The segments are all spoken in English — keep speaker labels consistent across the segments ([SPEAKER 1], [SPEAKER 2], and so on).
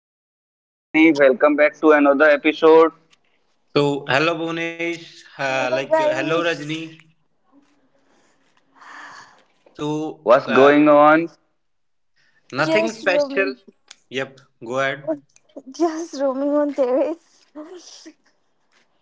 [SPEAKER 1] Pankaj, hello Rajni, welcome back to another episode.
[SPEAKER 2] Hello Bhunesh,
[SPEAKER 3] Hello
[SPEAKER 2] hello
[SPEAKER 3] guys,
[SPEAKER 2] Rajni. So,
[SPEAKER 1] What's
[SPEAKER 2] uh,
[SPEAKER 1] going on?
[SPEAKER 2] Nothing
[SPEAKER 3] just
[SPEAKER 2] special.
[SPEAKER 3] roaming,
[SPEAKER 2] Yep, go ahead.
[SPEAKER 3] just roaming on terrace.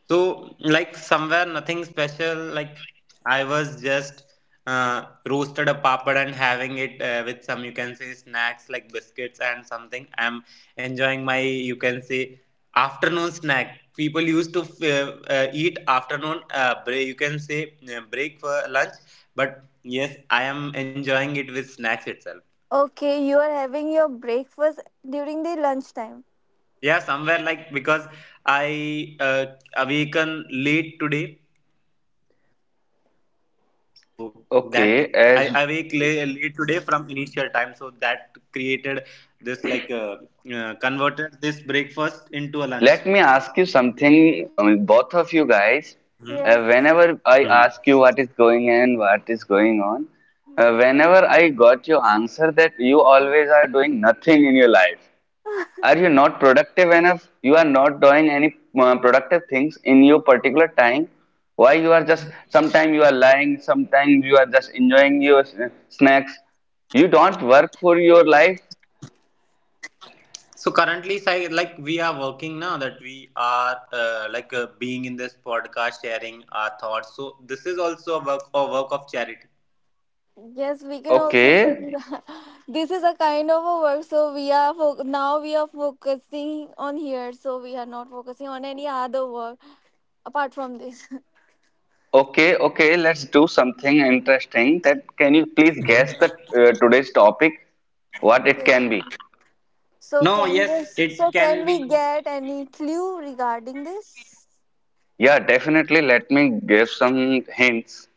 [SPEAKER 2] So, like somewhere nothing special. Like I was just uh, roasted a papad and having it with some you can say snacks like biscuits and something. I'm enjoying my you can say afternoon snack. People used to eat afternoon break. You can say break for lunch, but yes, I am enjoying it with snacks itself.
[SPEAKER 3] Okay, you are having your breakfast during the lunchtime.
[SPEAKER 2] Yeah, somewhere like because I awaken late today, so that I awake
[SPEAKER 1] Okay,
[SPEAKER 2] late today
[SPEAKER 1] as
[SPEAKER 2] from initial time, so that created this converted this breakfast into a lunch.
[SPEAKER 1] let me ask you something, I mean, both of you
[SPEAKER 2] Mhm.
[SPEAKER 1] guys.
[SPEAKER 3] Yes,
[SPEAKER 2] Mhm.
[SPEAKER 1] Whenever I ask you what is going on, whenever I got your answer that you always are doing nothing in your life. Are you not productive enough? You are not doing any productive things in your particular time. Why you are just sometime you are lying, sometime you are just enjoying your snacks? You don't work for your life.
[SPEAKER 2] So currently, like we are working now that we are being in this podcast, sharing our thoughts. So this is also a work of charity.
[SPEAKER 3] yes, we can also say
[SPEAKER 1] Okay,
[SPEAKER 3] that. This is a kind of a work. So now we are focusing on here. So we are not focusing on any other work apart from this.
[SPEAKER 1] okay let's do something interesting, that can you please guess the
[SPEAKER 2] Mhm.
[SPEAKER 1] today's topic, what
[SPEAKER 3] Okay.
[SPEAKER 1] it can be?
[SPEAKER 3] So
[SPEAKER 2] No,
[SPEAKER 3] can we
[SPEAKER 2] yes,
[SPEAKER 3] so
[SPEAKER 2] it
[SPEAKER 3] can
[SPEAKER 2] can
[SPEAKER 3] we
[SPEAKER 2] be.
[SPEAKER 3] get any clue regarding this?
[SPEAKER 1] Yeah, definitely, let me give some hints.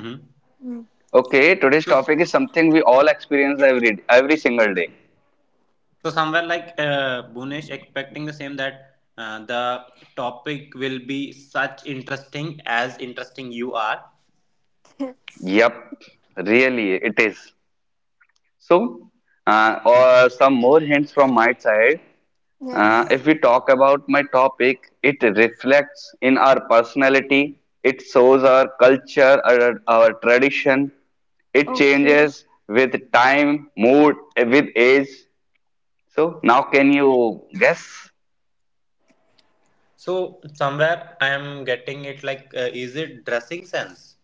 [SPEAKER 2] Mhm.
[SPEAKER 1] Okay, today's topic is something we all experience every single day.
[SPEAKER 2] So somewhere like Bhunesh expecting the same that the topic will be such interesting as interesting you are.
[SPEAKER 3] Yes.
[SPEAKER 1] Yep, really, it is. So, or
[SPEAKER 2] Mhm.
[SPEAKER 1] some more hints from my side.
[SPEAKER 2] Mhm.
[SPEAKER 3] Yes.
[SPEAKER 1] If we talk about my topic, it reflects in our personality, it shows our culture, our tradition, it
[SPEAKER 3] Okay.
[SPEAKER 1] changes with time, mood, with age. So, now can you guess?
[SPEAKER 2] So somewhere I am getting it like is it dressing sense,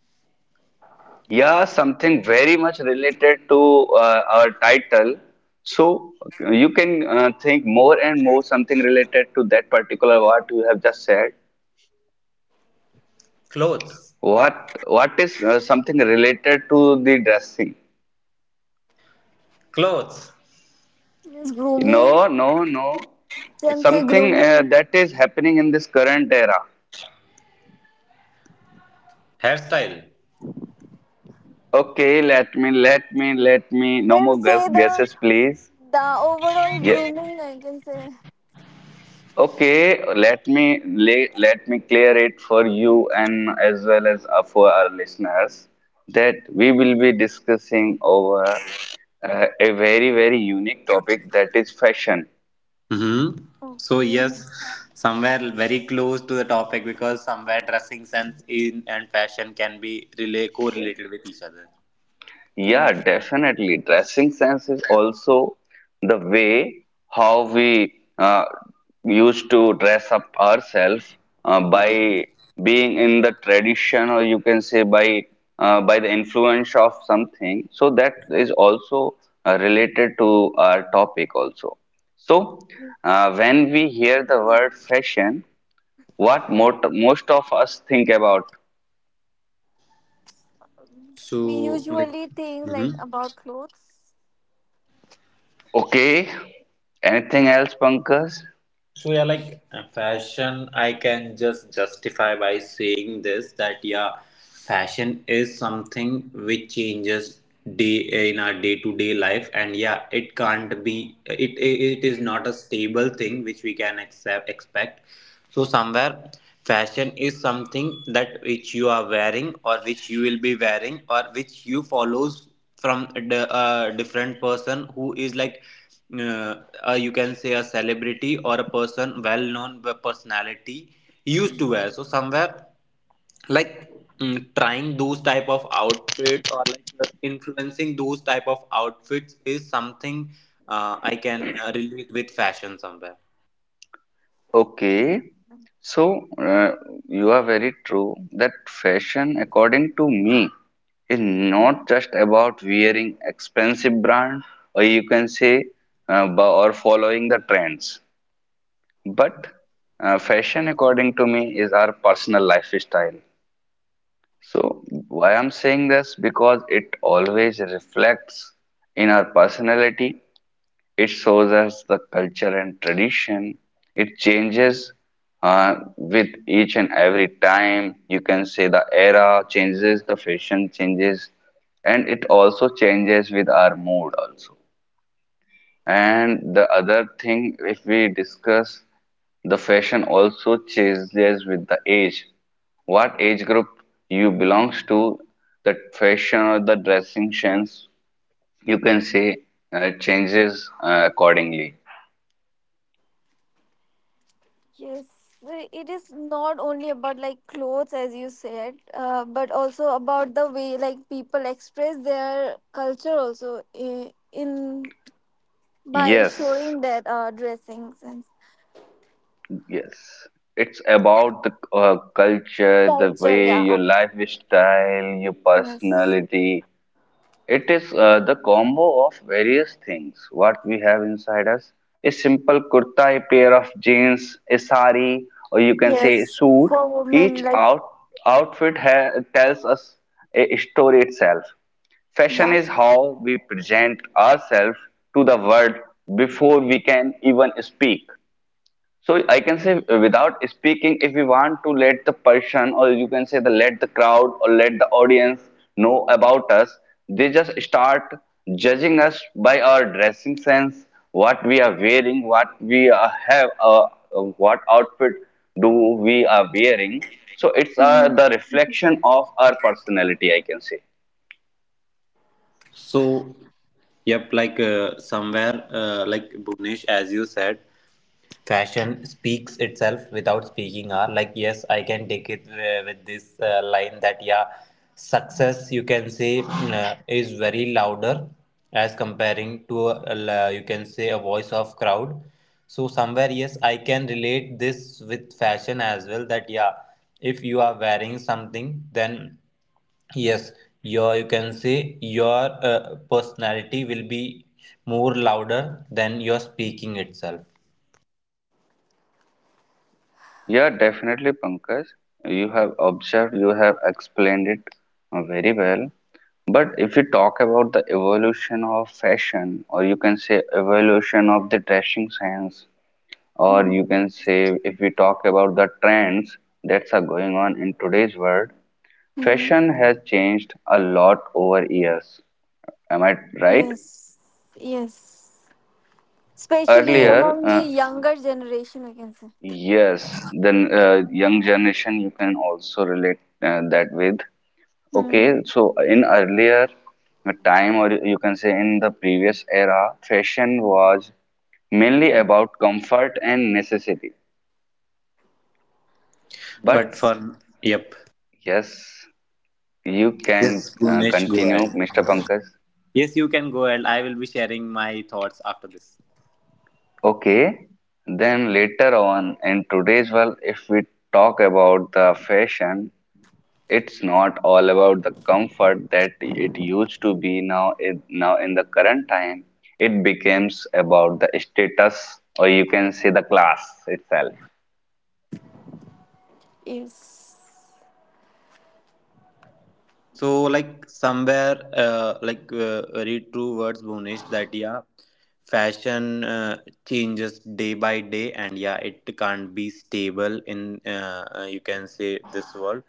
[SPEAKER 1] Yeah, something very much related to our title. So you can think more and more something related to that particular what you have just said.
[SPEAKER 2] clothes,
[SPEAKER 1] What is something related to the dressing?
[SPEAKER 2] clothes,
[SPEAKER 3] Means grooming.
[SPEAKER 1] No, no, no. It's
[SPEAKER 3] Can say
[SPEAKER 1] something
[SPEAKER 3] grooming.
[SPEAKER 1] that is happening in this current era.
[SPEAKER 2] hairstyle.
[SPEAKER 1] Okay, let me. No
[SPEAKER 3] Can
[SPEAKER 1] more
[SPEAKER 3] say the
[SPEAKER 1] guesses, please.
[SPEAKER 3] overall
[SPEAKER 1] Yeah.
[SPEAKER 3] grooming, I can say.
[SPEAKER 1] Okay, let me clear it for you, and as well as for our listeners, that we will be discussing over a very unique topic, that is fashion.
[SPEAKER 2] Hmm. So
[SPEAKER 3] Okay.
[SPEAKER 2] yes, somewhere very close to the topic because somewhere dressing sense in and fashion can be relay correlated with each other.
[SPEAKER 1] Yeah,
[SPEAKER 3] Hmm.
[SPEAKER 1] definitely. Dressing sense is also the way how we used to dress up ourselves,
[SPEAKER 2] Hmm.
[SPEAKER 1] by being in the tradition, or you can say by by the influence of something. So that is also related to our topic also. So when we hear the word fashion, what mot most of us think about?
[SPEAKER 3] We
[SPEAKER 2] So, like,
[SPEAKER 3] usually think
[SPEAKER 2] hmm.
[SPEAKER 3] like about clothes.
[SPEAKER 1] Okay, anything else, Pankaj?
[SPEAKER 2] So yeah, like fashion, I can just justify by saying this that yeah, fashion is something which changes day in our day to day life, and yeah, it can't be it it is not a stable thing which we can accept expect. So somewhere, fashion is something that which you are wearing or which you will be wearing or which you follows from a a different person who is like uh, you can say a celebrity or a person well known personality used to wear so somewhere like trying those type of outfits or like influencing those type of outfits is something I can relate with fashion somewhere.
[SPEAKER 1] Okay, so you are very true that fashion, according to me, is not just about wearing expensive brand, or you can say or following the trends, but fashion,
[SPEAKER 2] Mhm.
[SPEAKER 1] according to me, is our personal lifestyle. So why I'm saying this, because it always reflects in our personality, it shows us the culture and tradition. It changes with each and every time. You can say the era changes, the fashion changes, and it also changes with our mood also. And the other thing, if we discuss, the fashion also changes with the age. What age group you belongs to, the fashion or the dressing sense, you can say changes accordingly.
[SPEAKER 3] Yes, it is not only about like clothes as you said, but also about the way like people express their culture also in by
[SPEAKER 1] Yes,
[SPEAKER 3] showing their dressings and
[SPEAKER 1] yes. It's about the culture, the
[SPEAKER 3] culture.
[SPEAKER 1] way
[SPEAKER 3] Yeah.
[SPEAKER 1] your lifestyle, your
[SPEAKER 3] Yes.
[SPEAKER 1] personality. It is the combo of various things. What we have inside us: a simple kurta, a pair of jeans, a sari, or you can say
[SPEAKER 3] Yes,
[SPEAKER 1] suit.
[SPEAKER 3] for women,
[SPEAKER 1] Each
[SPEAKER 3] like,
[SPEAKER 1] outfit ha tells us a story itself. Fashion
[SPEAKER 3] yeah.
[SPEAKER 1] is how we present ourselves to the world before we can even speak. So I can say without speaking, if we want to let the person, or you can say the let the crowd, or let the audience know about us, they just start judging us by our dressing sense, what we are wearing, what we have, what outfit do we are wearing. So it's
[SPEAKER 3] Mhm.
[SPEAKER 1] the reflection of our personality, I can say.
[SPEAKER 2] So yep, like somewhere, like Bhuvnesh, as you said, fashion speaks itself without speaking. Are like yes, I can take it with this line that yeah, success you can say is very louder as comparing to you can say a voice of crowd. So somewhere yes, I can relate this with fashion as well. That yeah, if you are wearing something, then yes, your you can say your personality will be more louder than your speaking itself.
[SPEAKER 1] Yeah, definitely, Pankaj. You have observed, you have explained it very well. But if we talk about the evolution of fashion, or you can say evolution of the dressing sense, or
[SPEAKER 3] Mhm.
[SPEAKER 1] you can say if we talk about the trends that are going on in today's world,
[SPEAKER 3] Mhm.
[SPEAKER 1] fashion has changed a lot over years. Am I right?
[SPEAKER 3] Yes, yes. Especially
[SPEAKER 2] So
[SPEAKER 1] Earlier,
[SPEAKER 3] among the younger generation, we can say.
[SPEAKER 1] yes, then young generation you can also relate that with.
[SPEAKER 3] Mm.
[SPEAKER 1] Okay, so in earlier time, or you can say in the previous era, fashion was mainly about comfort and necessity.
[SPEAKER 2] but
[SPEAKER 1] But
[SPEAKER 3] Yes,
[SPEAKER 2] for, yep.
[SPEAKER 1] yes, you can
[SPEAKER 2] Yes, Gunesh, go
[SPEAKER 1] continue,
[SPEAKER 2] ahead.
[SPEAKER 1] Mr. Pankaj.
[SPEAKER 2] Yes, you can go ahead. I will be sharing my thoughts after this.
[SPEAKER 1] Okay, then later on in today's world, if we talk about the fashion, it's not all about the comfort that it used to be now. Now in the current time, it becomes about the status, or you can say the class itself.
[SPEAKER 3] yes.
[SPEAKER 2] So, like, somewhere, like, very true words, Bhunesh, that yeah, fashion changes day by day, and yeah, it can't be stable in, you can say, this world.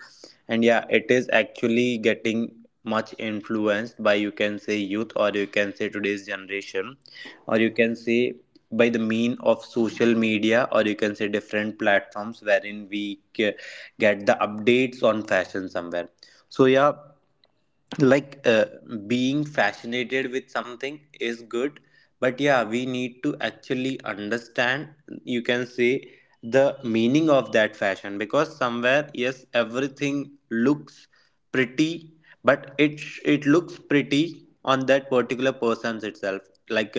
[SPEAKER 2] And yeah, it is actually getting much influenced by, you can say, youth, or you can say, today's generation, or you can say, by the mean of social media or you can say different platforms wherein get the updates on fashion somewhere. So yeah, like being fascinated with something is good, but yeah we need to actually understand you can say the meaning of that fashion because somewhere yes everything looks pretty, but it looks pretty on that particular person's itself, like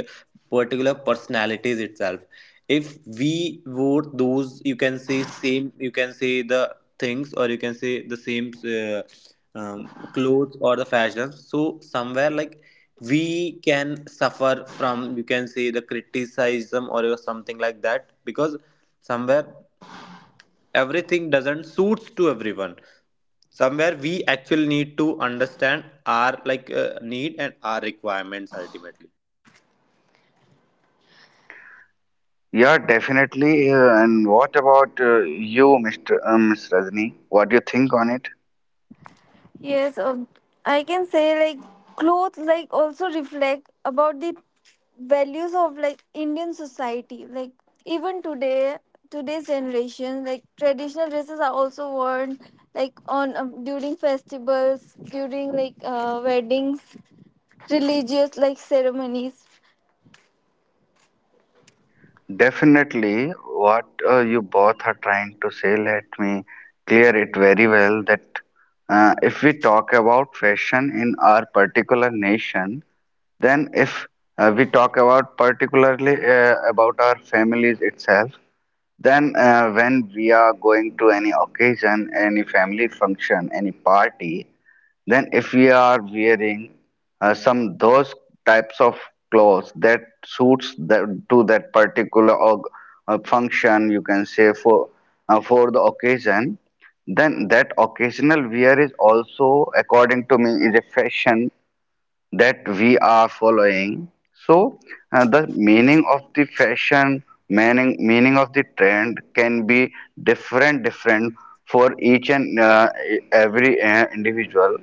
[SPEAKER 2] particular personalities itself. If we vote those you can say same you can say the things or you can say the same uh, clothes or the fashions, so somewhere like we can suffer from you can say the criticism or something like that because somewhere everything doesn't suits to everyone. Somewhere we actually need to understand our like need and our requirements ultimately.
[SPEAKER 1] Yeah, definitely. And what about you, Mr. Uh, Ms. Rajni? What do you think on it?
[SPEAKER 3] Yes, I can say like clothes like also reflect about the values of like Indian society. Like even today, today's generation, like traditional dresses are also worn like on during festivals, during like weddings, religious like ceremonies.
[SPEAKER 1] Definitely, what you both are trying to say, let me clear it very well, that if we talk about fashion in our particular nation, then, if we talk about particularly about our families itself, then when we are going to any occasion, any family function, any party, then if we are wearing some those types of clothes that suits that to that particular function, you can say for for the occasion, then that occasional wear is also, according to me, is a fashion that we are following. So the meaning of the fashion, meaning of the trend can be different for each and every individual.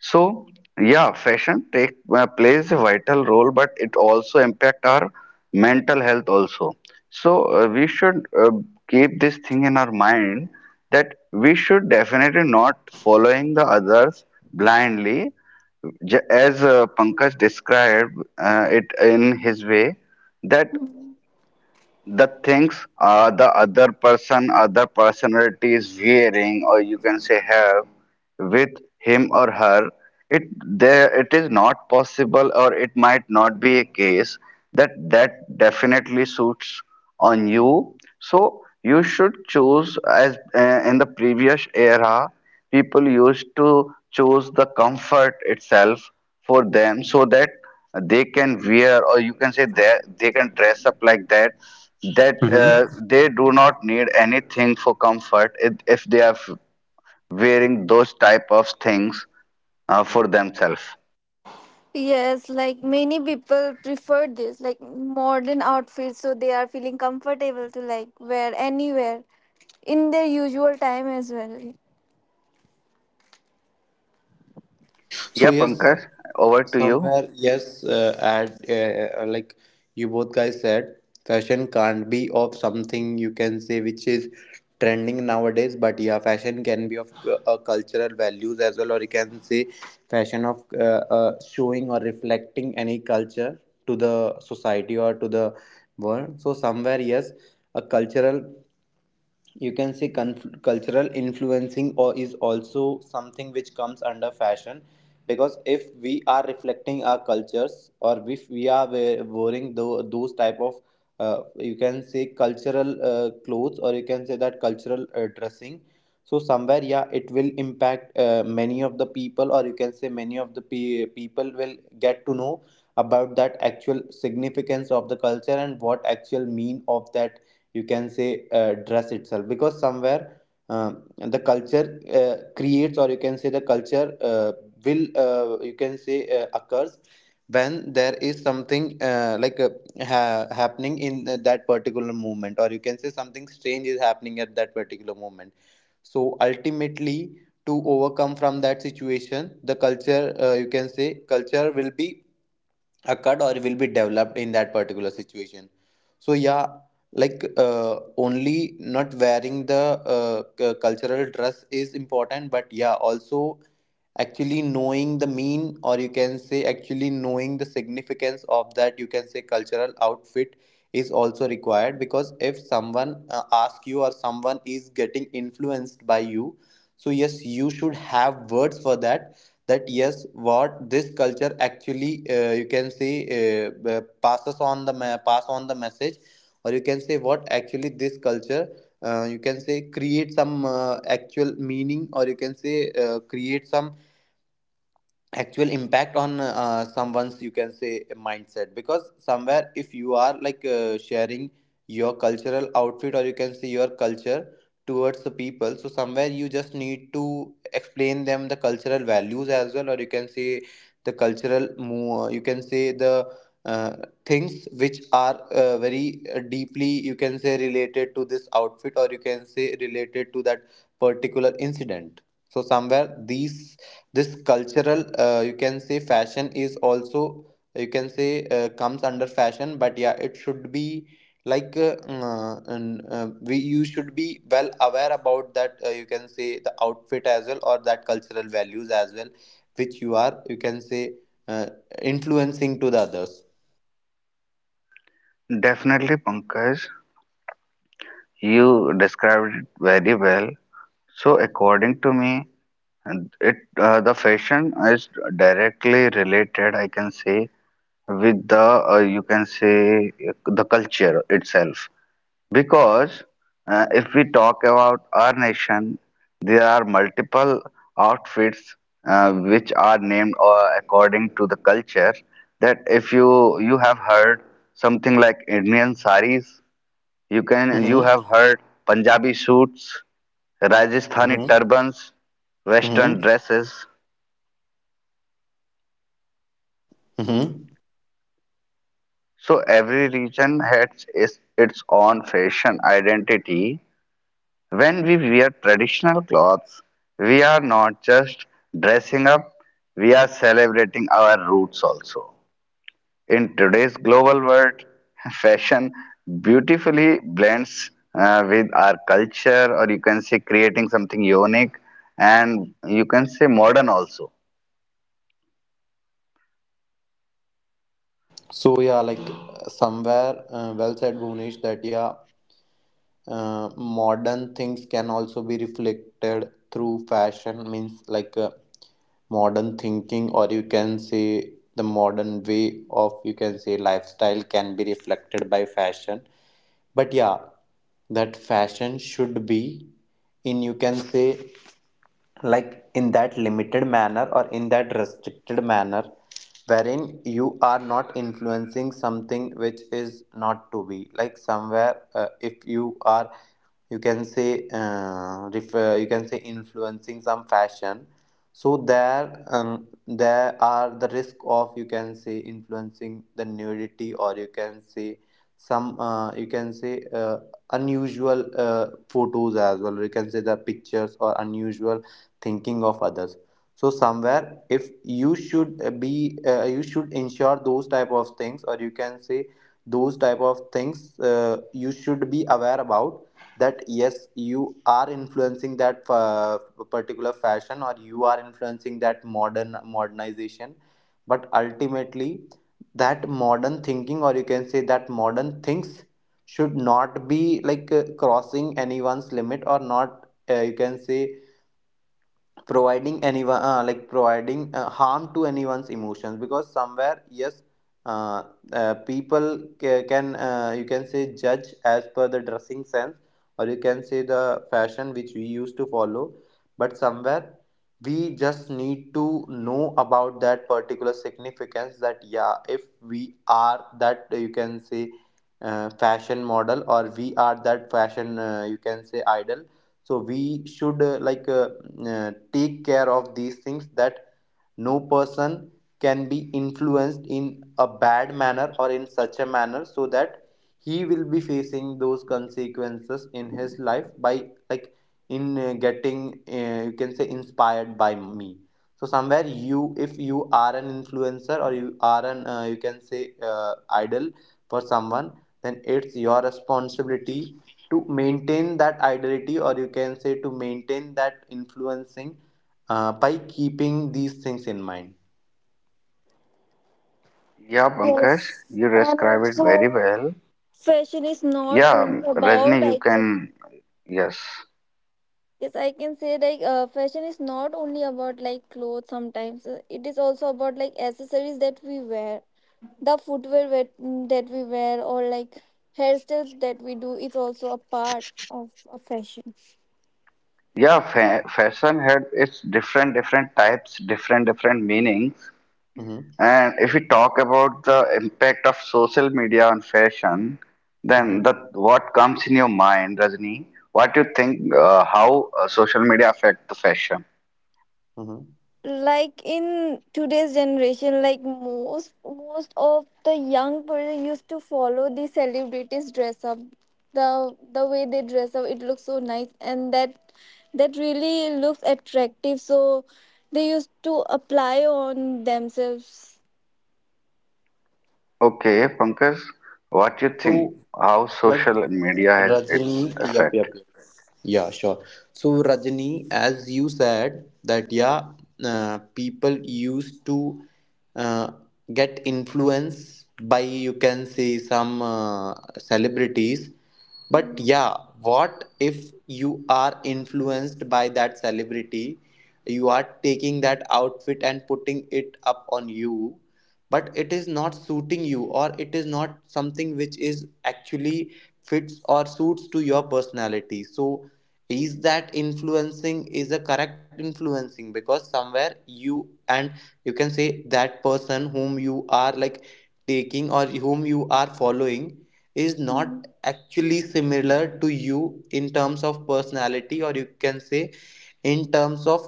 [SPEAKER 1] So yeah, fashion take plays a vital role, but it also impact our mental health also. So we should keep this thing in our mind, that we should definitely not following the others blindly. As Pankaj described it in his way, that the things the other person other personality is wearing, or you can say have with him or her, it is not possible, or it might not be a case that definitely suits on you. So you should choose, as in the previous era people used to choose the comfort itself for them, so that they can wear, or you can say that they can dress up like that, that uh,
[SPEAKER 2] Mhm.
[SPEAKER 1] they do not need anything for comfort if, they are wearing those type of things for themselves.
[SPEAKER 3] Yes, like many people prefer this like modern outfits, so they are feeling comfortable to like wear anywhere in their usual time as well.
[SPEAKER 2] So
[SPEAKER 1] Yeah,
[SPEAKER 2] yes.
[SPEAKER 1] Pankaj, over to you.
[SPEAKER 2] Somewhere, yes, at like you both guys said, fashion can't be of something you can say which is trending nowadays, but yeah, fashion can be of cultural values as well, or you can say fashion of showing or reflecting any culture to the society or to the world. So, somewhere, yes, a cultural you can say cultural influencing or is also something which comes under fashion because if we are reflecting our cultures or if we are wearing those type of you can say cultural clothes or you can say that cultural dressing, so somewhere yeah it will impact many of the people or you can say many of the people will get to know about that actual significance of the culture and what actual mean of that you can say dress itself because somewhere the culture creates or you can say the culture will you can say occurs when there is something happening in that particular moment or you can say something strange is happening at that particular moment, so ultimately to overcome from that situation the culture you can say culture will be a cut or will be developed in that particular situation. So yeah, like only not wearing the cultural dress is important, but yeah also actually knowing the mean or you can say actually knowing the significance of that you can say cultural outfit is also required because if someone asks you or someone is getting influenced by you, so yes you should have words for that, that yes what this culture actually you can say passes on the pass on the message or you can say what actually this culture you can say create some actual meaning or you can say create some actual impact on someone's you can say mindset because somewhere if you are like sharing your cultural outfit or you can say your culture towards the people, so somewhere you just need to explain them the cultural values as well or you can say the cultural you can say the uh, things which are very deeply you can say related to this outfit or you can say related to that particular incident. So somewhere these this cultural you can say fashion is also you can say comes under fashion, but yeah it should be like we you should be well aware about that you can say the outfit as well or that cultural values as well which you are you can say uh, influencing to the others.
[SPEAKER 1] Definitely, Pankaj, you described it very well. So, according to me, it the fashion is directly related, I can say, with the you can say the culture itself. Because if we talk about our nation, there are multiple outfits which are named according to the culture. That if you have heard something like Indian saris. You
[SPEAKER 2] Hmm.
[SPEAKER 1] have heard Punjabi suits, Rajasthani
[SPEAKER 2] Hmm.
[SPEAKER 1] turbans, Western
[SPEAKER 2] Hmm.
[SPEAKER 1] dresses.
[SPEAKER 2] Hmm.
[SPEAKER 1] So every region has its own fashion identity. When we wear traditional clothes, we are not just dressing up, we are celebrating our roots also. In today's global world, fashion beautifully blends with our culture, or you can say creating something unique, and you can say modern also.
[SPEAKER 2] So yeah, like somewhere well said Bhunesh, that yeah modern things can also be reflected through fashion means like modern thinking or you can say the modern way of you can say lifestyle can be reflected by fashion, but yeah that fashion should be in you can say like in that limited manner or in that restricted manner wherein you are not influencing something which is not to be, like somewhere if you are you can say refer, you can say influencing some fashion, so there, there are the risk of you can say influencing the nudity, or you can say some, you can say unusual photos as well. Or you can say the pictures or unusual thinking of others. So somewhere, if you should you should ensure those type of things, or you can say those type of things you should be aware about that yes you are influencing that particular fashion or you are influencing that modern modernization, but ultimately that modern thinking or you can say that modern things should not be like crossing anyone's limit or not you can say providing anyone like providing harm to anyone's emotions because somewhere yes uh, people can you can say judge as per the dressing sense or you can say the fashion which we used to follow, but somewhere we just need to know about that particular significance that yeah if we are that you can say fashion model or we are that fashion you can say idol, so we should take care of these things that no person can be influenced in a bad manner or in such a manner so that he will be facing those consequences in his life by like in getting you can say inspired by me. So somewhere you if you are an influencer or you are an you can say idol for someone, then it's your responsibility to maintain that idolity or you can say to maintain that influencing by keeping these things in mind.
[SPEAKER 1] Yeah, Pankaj,
[SPEAKER 3] Yes,
[SPEAKER 1] you
[SPEAKER 3] and
[SPEAKER 1] describe it very
[SPEAKER 3] also
[SPEAKER 1] well.
[SPEAKER 3] fashion is not
[SPEAKER 1] Yeah,
[SPEAKER 3] only about
[SPEAKER 1] Rajni, you
[SPEAKER 3] I can,
[SPEAKER 1] can, yes.
[SPEAKER 3] yes I can say like fashion is not only about like clothes. Sometimes it is also about like accessories that we wear, the footwear that we wear, or like hairstyles that we do. It's also a part of a fashion.
[SPEAKER 1] Yeah, fa fashion had its different, different types, different, different meanings.
[SPEAKER 2] Hmm.
[SPEAKER 1] And if we talk about the impact of social media on fashion, then
[SPEAKER 3] Hmm.
[SPEAKER 2] Hmm.
[SPEAKER 1] the what comes in your mind, Rajni? What you think? How social media affect the fashion?
[SPEAKER 2] Hmm.
[SPEAKER 3] Like in today's generation, like most of the young person used to follow the celebrities dress up, the way they dress up, it looks so nice, and that really looks attractive, so they used to apply on themselves.
[SPEAKER 1] Okay, Pankaj, what you think?
[SPEAKER 2] So,
[SPEAKER 1] How
[SPEAKER 2] like
[SPEAKER 1] social media has
[SPEAKER 2] Rajani,
[SPEAKER 1] its
[SPEAKER 2] yep,
[SPEAKER 1] effect?
[SPEAKER 2] yep, yep. Yeah, sure. So Rajani, as you said that, yeah, people used to uh, get influenced by, you can say, some celebrities. But
[SPEAKER 3] Mhm.
[SPEAKER 2] yeah, what if you are influenced by that celebrity? You are taking that outfit and putting it up on you, but it is not suiting you, or it is not something which is actually fits or suits to your personality. So, is that influencing is a correct influencing, because somewhere you and you can say that person whom you are like taking or whom you are following is not actually similar to you in terms of personality, or you can say in terms of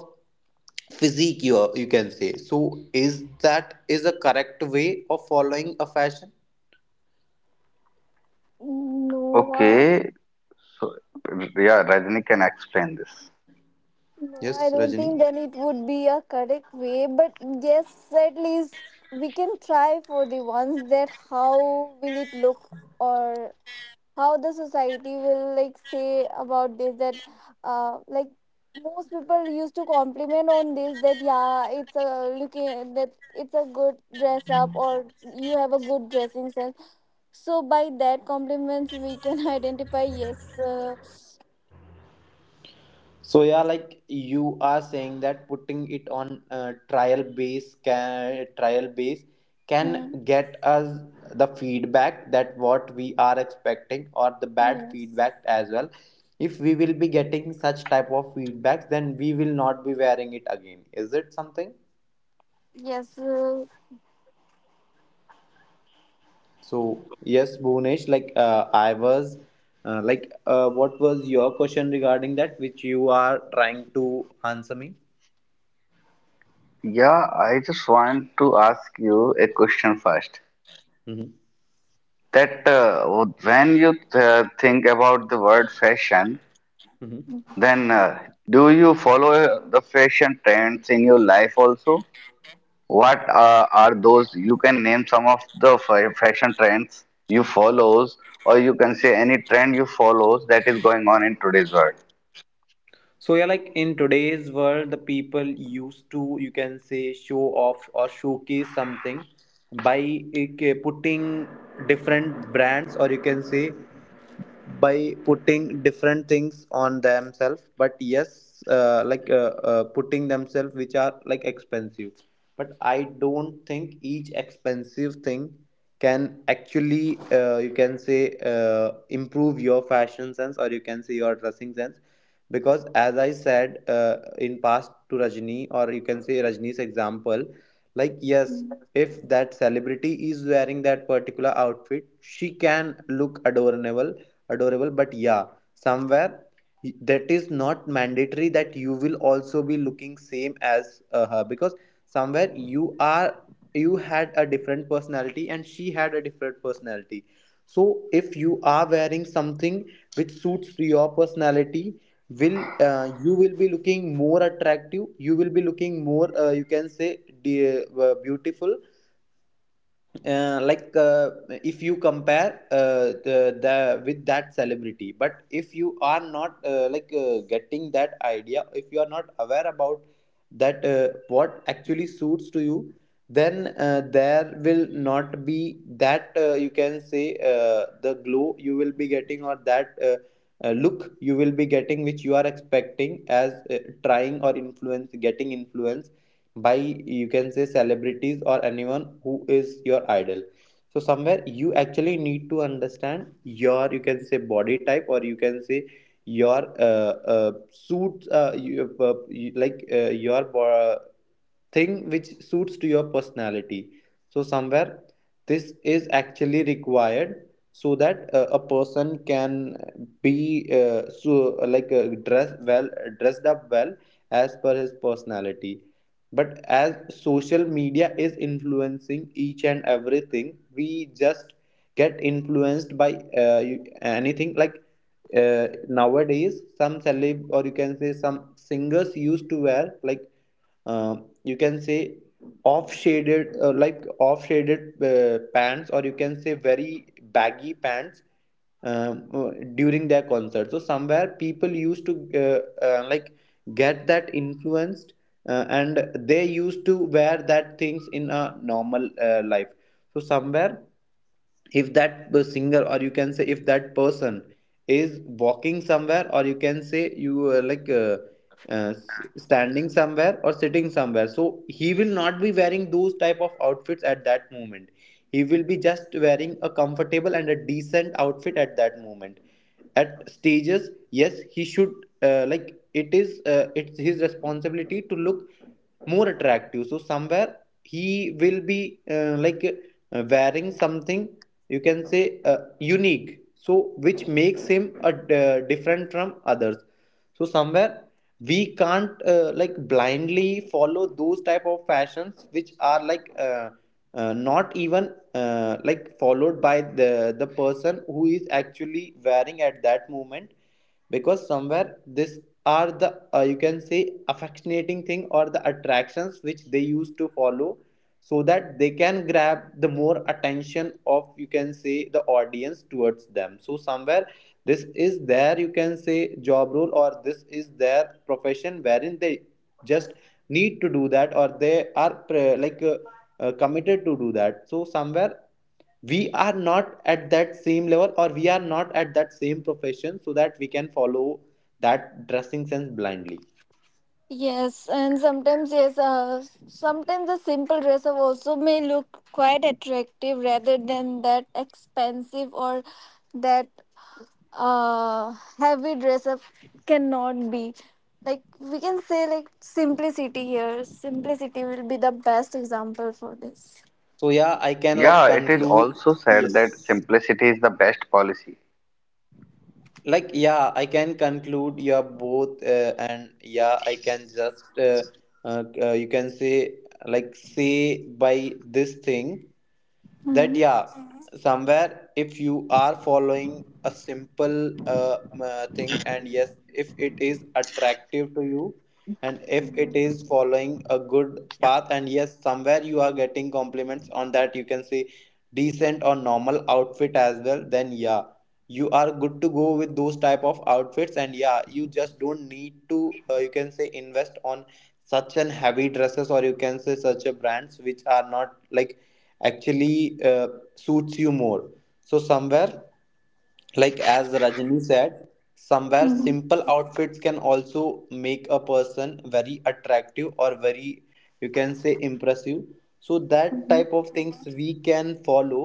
[SPEAKER 2] physique. You can say, so is that is a correct way of following a fashion?
[SPEAKER 3] Mm, no.
[SPEAKER 1] Okay, so yeah, Rajni can explain this.
[SPEAKER 3] No, I
[SPEAKER 2] Yes,
[SPEAKER 3] don't think
[SPEAKER 2] Rajani.
[SPEAKER 3] then it would be a correct way, but yes, at least we can try for the ones that how will it look, or how the society will like say about this, that like most people used to compliment on this that yeah, it's a looking that it's a good dress up, or you have a good dressing sense. So by that compliments we can identify yes
[SPEAKER 2] So yeah, like you are saying that putting it on trial base, can trial base
[SPEAKER 3] hmm,
[SPEAKER 2] can get us the feedback that what we are expecting, or the bad
[SPEAKER 3] yes
[SPEAKER 2] feedback as well. If we will be getting such type of feedbacks, then we will not be wearing it again. Is it something?
[SPEAKER 3] yes
[SPEAKER 2] So yes, Bhunesh, like I was, like what was your question regarding that, which you are trying to answer me?
[SPEAKER 1] Yeah, I just want to ask you a question first.
[SPEAKER 2] Mm-hmm.
[SPEAKER 1] That when you think about the word fashion, then, do you follow the fashion trends in your life also? What are those? You can name some of the fashion trends you follows, or you can say any trend you follows that is going on in today's world.
[SPEAKER 2] So yeah, like in today's world, the people used to, you can say, show off or showcase something by putting different brands, or you can say by putting different things on themselves, but yes, like putting themselves which are like expensive, but I don't think each expensive thing can actually you can say improve your fashion sense, or you can say your dressing sense, because as I said, in past to Rajni, or you can say Rajni's example, like yes,
[SPEAKER 3] hmm.
[SPEAKER 2] if that celebrity is wearing that particular outfit, she can look adorable, but yeah, somewhere that is not mandatory that you will also be looking same as her, because somewhere you are, you had a different personality and she had a different personality. So if you are wearing something which suits your personality, will you will be looking more attractive, you will be looking more, you can say beautiful, like if you compare the with that celebrity. But if you are not like getting that idea, if you are not aware about that what actually suits to you, then there will not be that, you can say, the glow you will be getting, or that look you will be getting which you are expecting as trying or influence, getting influence by, you can say, celebrities or anyone who is your idol. So somewhere you actually need to understand your, you can say, body type, or you can say your suits like your thing which suits to your personality. So somewhere this is actually required, so that a person can be so like dressed well, dressed up well as per his personality. But as social media is influencing each and everything, we just get influenced by anything, like nowadays some celeb, or you can say some singers, used to wear like uh, you can say off shaded, like off shaded pants, or you can say very baggy pants, um, uh, during their concert. So somewhere people used to like get that influenced, and they used to wear that things in a normal life. So somewhere, if that singer, or you can say if that person is walking somewhere, or you can say you like standing somewhere or sitting somewhere, so he will not be wearing those type of outfits at that moment. He will be just wearing a comfortable and a decent outfit at that moment. At stages, yes, he should like it is it's his responsibility to look more attractive. So somewhere he will be like wearing something, you can say, unique, so which makes him a different from others. So somewhere we can't like blindly follow those type of fashions which are like not even like followed by the person who is actually wearing at that moment, because somewhere this are the, you can say, affectionating thing, or the attractions which they used to follow so that they can grab the more attention of, you can say, the audience towards them. So somewhere this is their, you can say, job role, or this is their profession, wherein they just need to do that, or they are like committed to do that. So somewhere we are not at that same level, or we are not at that same profession, so that we can follow that dressing sense blindly.
[SPEAKER 3] Yes, and sometimes yes, sometimes a simple dress up also may look quite attractive rather than that expensive or that uh heavy dress up cannot be. Like we can say like simplicity here. Simplicity will be the best example for this.
[SPEAKER 2] So yeah, I can like
[SPEAKER 1] Yeah, it is
[SPEAKER 2] conclude.
[SPEAKER 1] also said
[SPEAKER 2] Yes,
[SPEAKER 1] that simplicity is the best policy.
[SPEAKER 2] like yeah, I can conclude. Yeah, both, and yeah, I can just you can say, like say, by this thing that
[SPEAKER 3] Hmm.
[SPEAKER 2] yeah. Mhm. Somewhere if you are following a simple thing, and yes, if it is attractive to you, and if it is following a good path, and yes, somewhere you are getting compliments on that, you can say, decent or normal outfit as well, then yeah, you are good to go with those type of outfits. And yeah, you just don't need to, you can say, invest on such an heavy dresses, or you can say such a brands, which are not like actually suits you more. So somewhere, like as Rajani said, somewhere
[SPEAKER 3] Hmm.
[SPEAKER 2] simple outfits can also make a person very attractive, or very, you can say, impressive. So that type of things we can follow.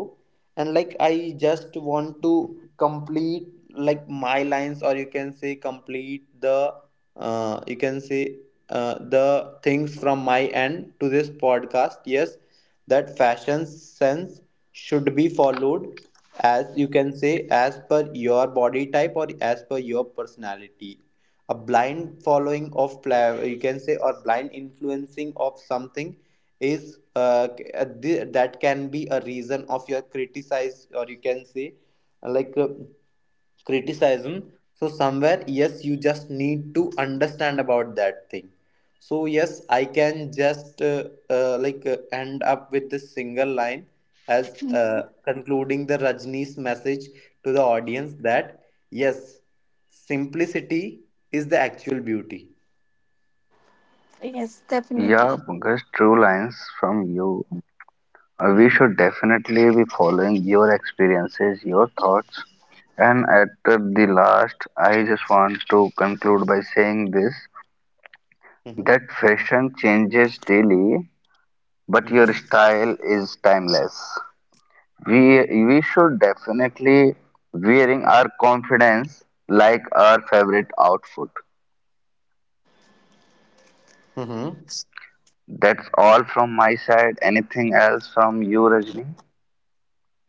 [SPEAKER 2] And like I just want to complete, like, my lines, or you can say complete the you can say the things from my end to this podcast. Yes, that fashion sense should be followed as, you can say, as per your body type or as per your personality. A blind following of you can say, or blind influencing of something, is that can be a reason of your criticize, or you can say, like criticism. So somewhere, yes, you just need to understand about that thing. So yes, I can just like end up with this single line as uh, concluding the Rajni's message to the audience that yes, simplicity is the actual beauty.
[SPEAKER 3] Yes,
[SPEAKER 1] Yeah,
[SPEAKER 3] definitely.
[SPEAKER 1] Pankaj, true lines from you. We
[SPEAKER 2] Hmm.
[SPEAKER 1] should definitely be following your experiences, your thoughts. And at the last, I just want to conclude by saying this,
[SPEAKER 2] Hmm.
[SPEAKER 1] that fashion changes daily,
[SPEAKER 2] Hmm.
[SPEAKER 1] but your
[SPEAKER 2] Hmm.
[SPEAKER 1] style is timeless. We, we should definitely wearing our confidence like our favorite outfit.
[SPEAKER 2] Hmm.
[SPEAKER 1] That's all from my side. Anything else from you, Rajni?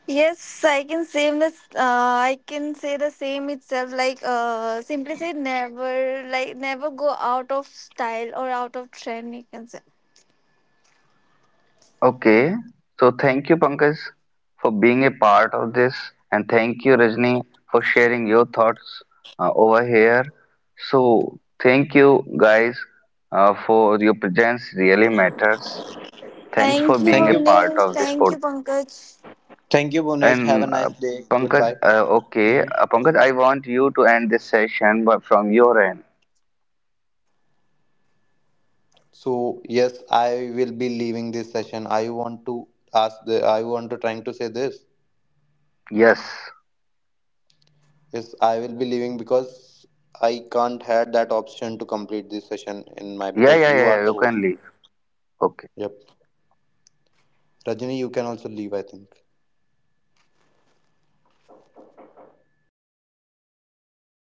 [SPEAKER 3] Yes, I can say I can say the same itself. Like simply say never, like never go out of style or out of trend, you can say.
[SPEAKER 1] Okay, so thank you, Pankaj, for being a part of this, and thank you, Rajni, for sharing your thoughts over here. So, thank you, guys, for your presence, really matters. Thanks for
[SPEAKER 3] Thank you,
[SPEAKER 1] being
[SPEAKER 2] Thank
[SPEAKER 1] a
[SPEAKER 2] you.
[SPEAKER 1] part
[SPEAKER 3] Bhuvnesh.
[SPEAKER 1] of this
[SPEAKER 3] Thank
[SPEAKER 1] podcast.
[SPEAKER 3] you, Pankaj.
[SPEAKER 2] Thank you, Bonesh, have a
[SPEAKER 1] And uh,
[SPEAKER 2] nice day. Goodbye. Mhm.
[SPEAKER 1] Pankaj, I want you to end this session but from your end.
[SPEAKER 2] So yes, I will be leaving this session. I want to ask the, I want to trying to say this.
[SPEAKER 1] Yes,
[SPEAKER 2] Yes, I will be leaving, because I can't had that option to complete this session in my,
[SPEAKER 1] yeah,
[SPEAKER 2] because
[SPEAKER 1] yeah,
[SPEAKER 2] you
[SPEAKER 1] yeah,
[SPEAKER 2] are
[SPEAKER 1] yeah,
[SPEAKER 2] the
[SPEAKER 1] you
[SPEAKER 2] host.
[SPEAKER 1] can leave. Okay.
[SPEAKER 2] Yep. Rajani, you can also leave, I think.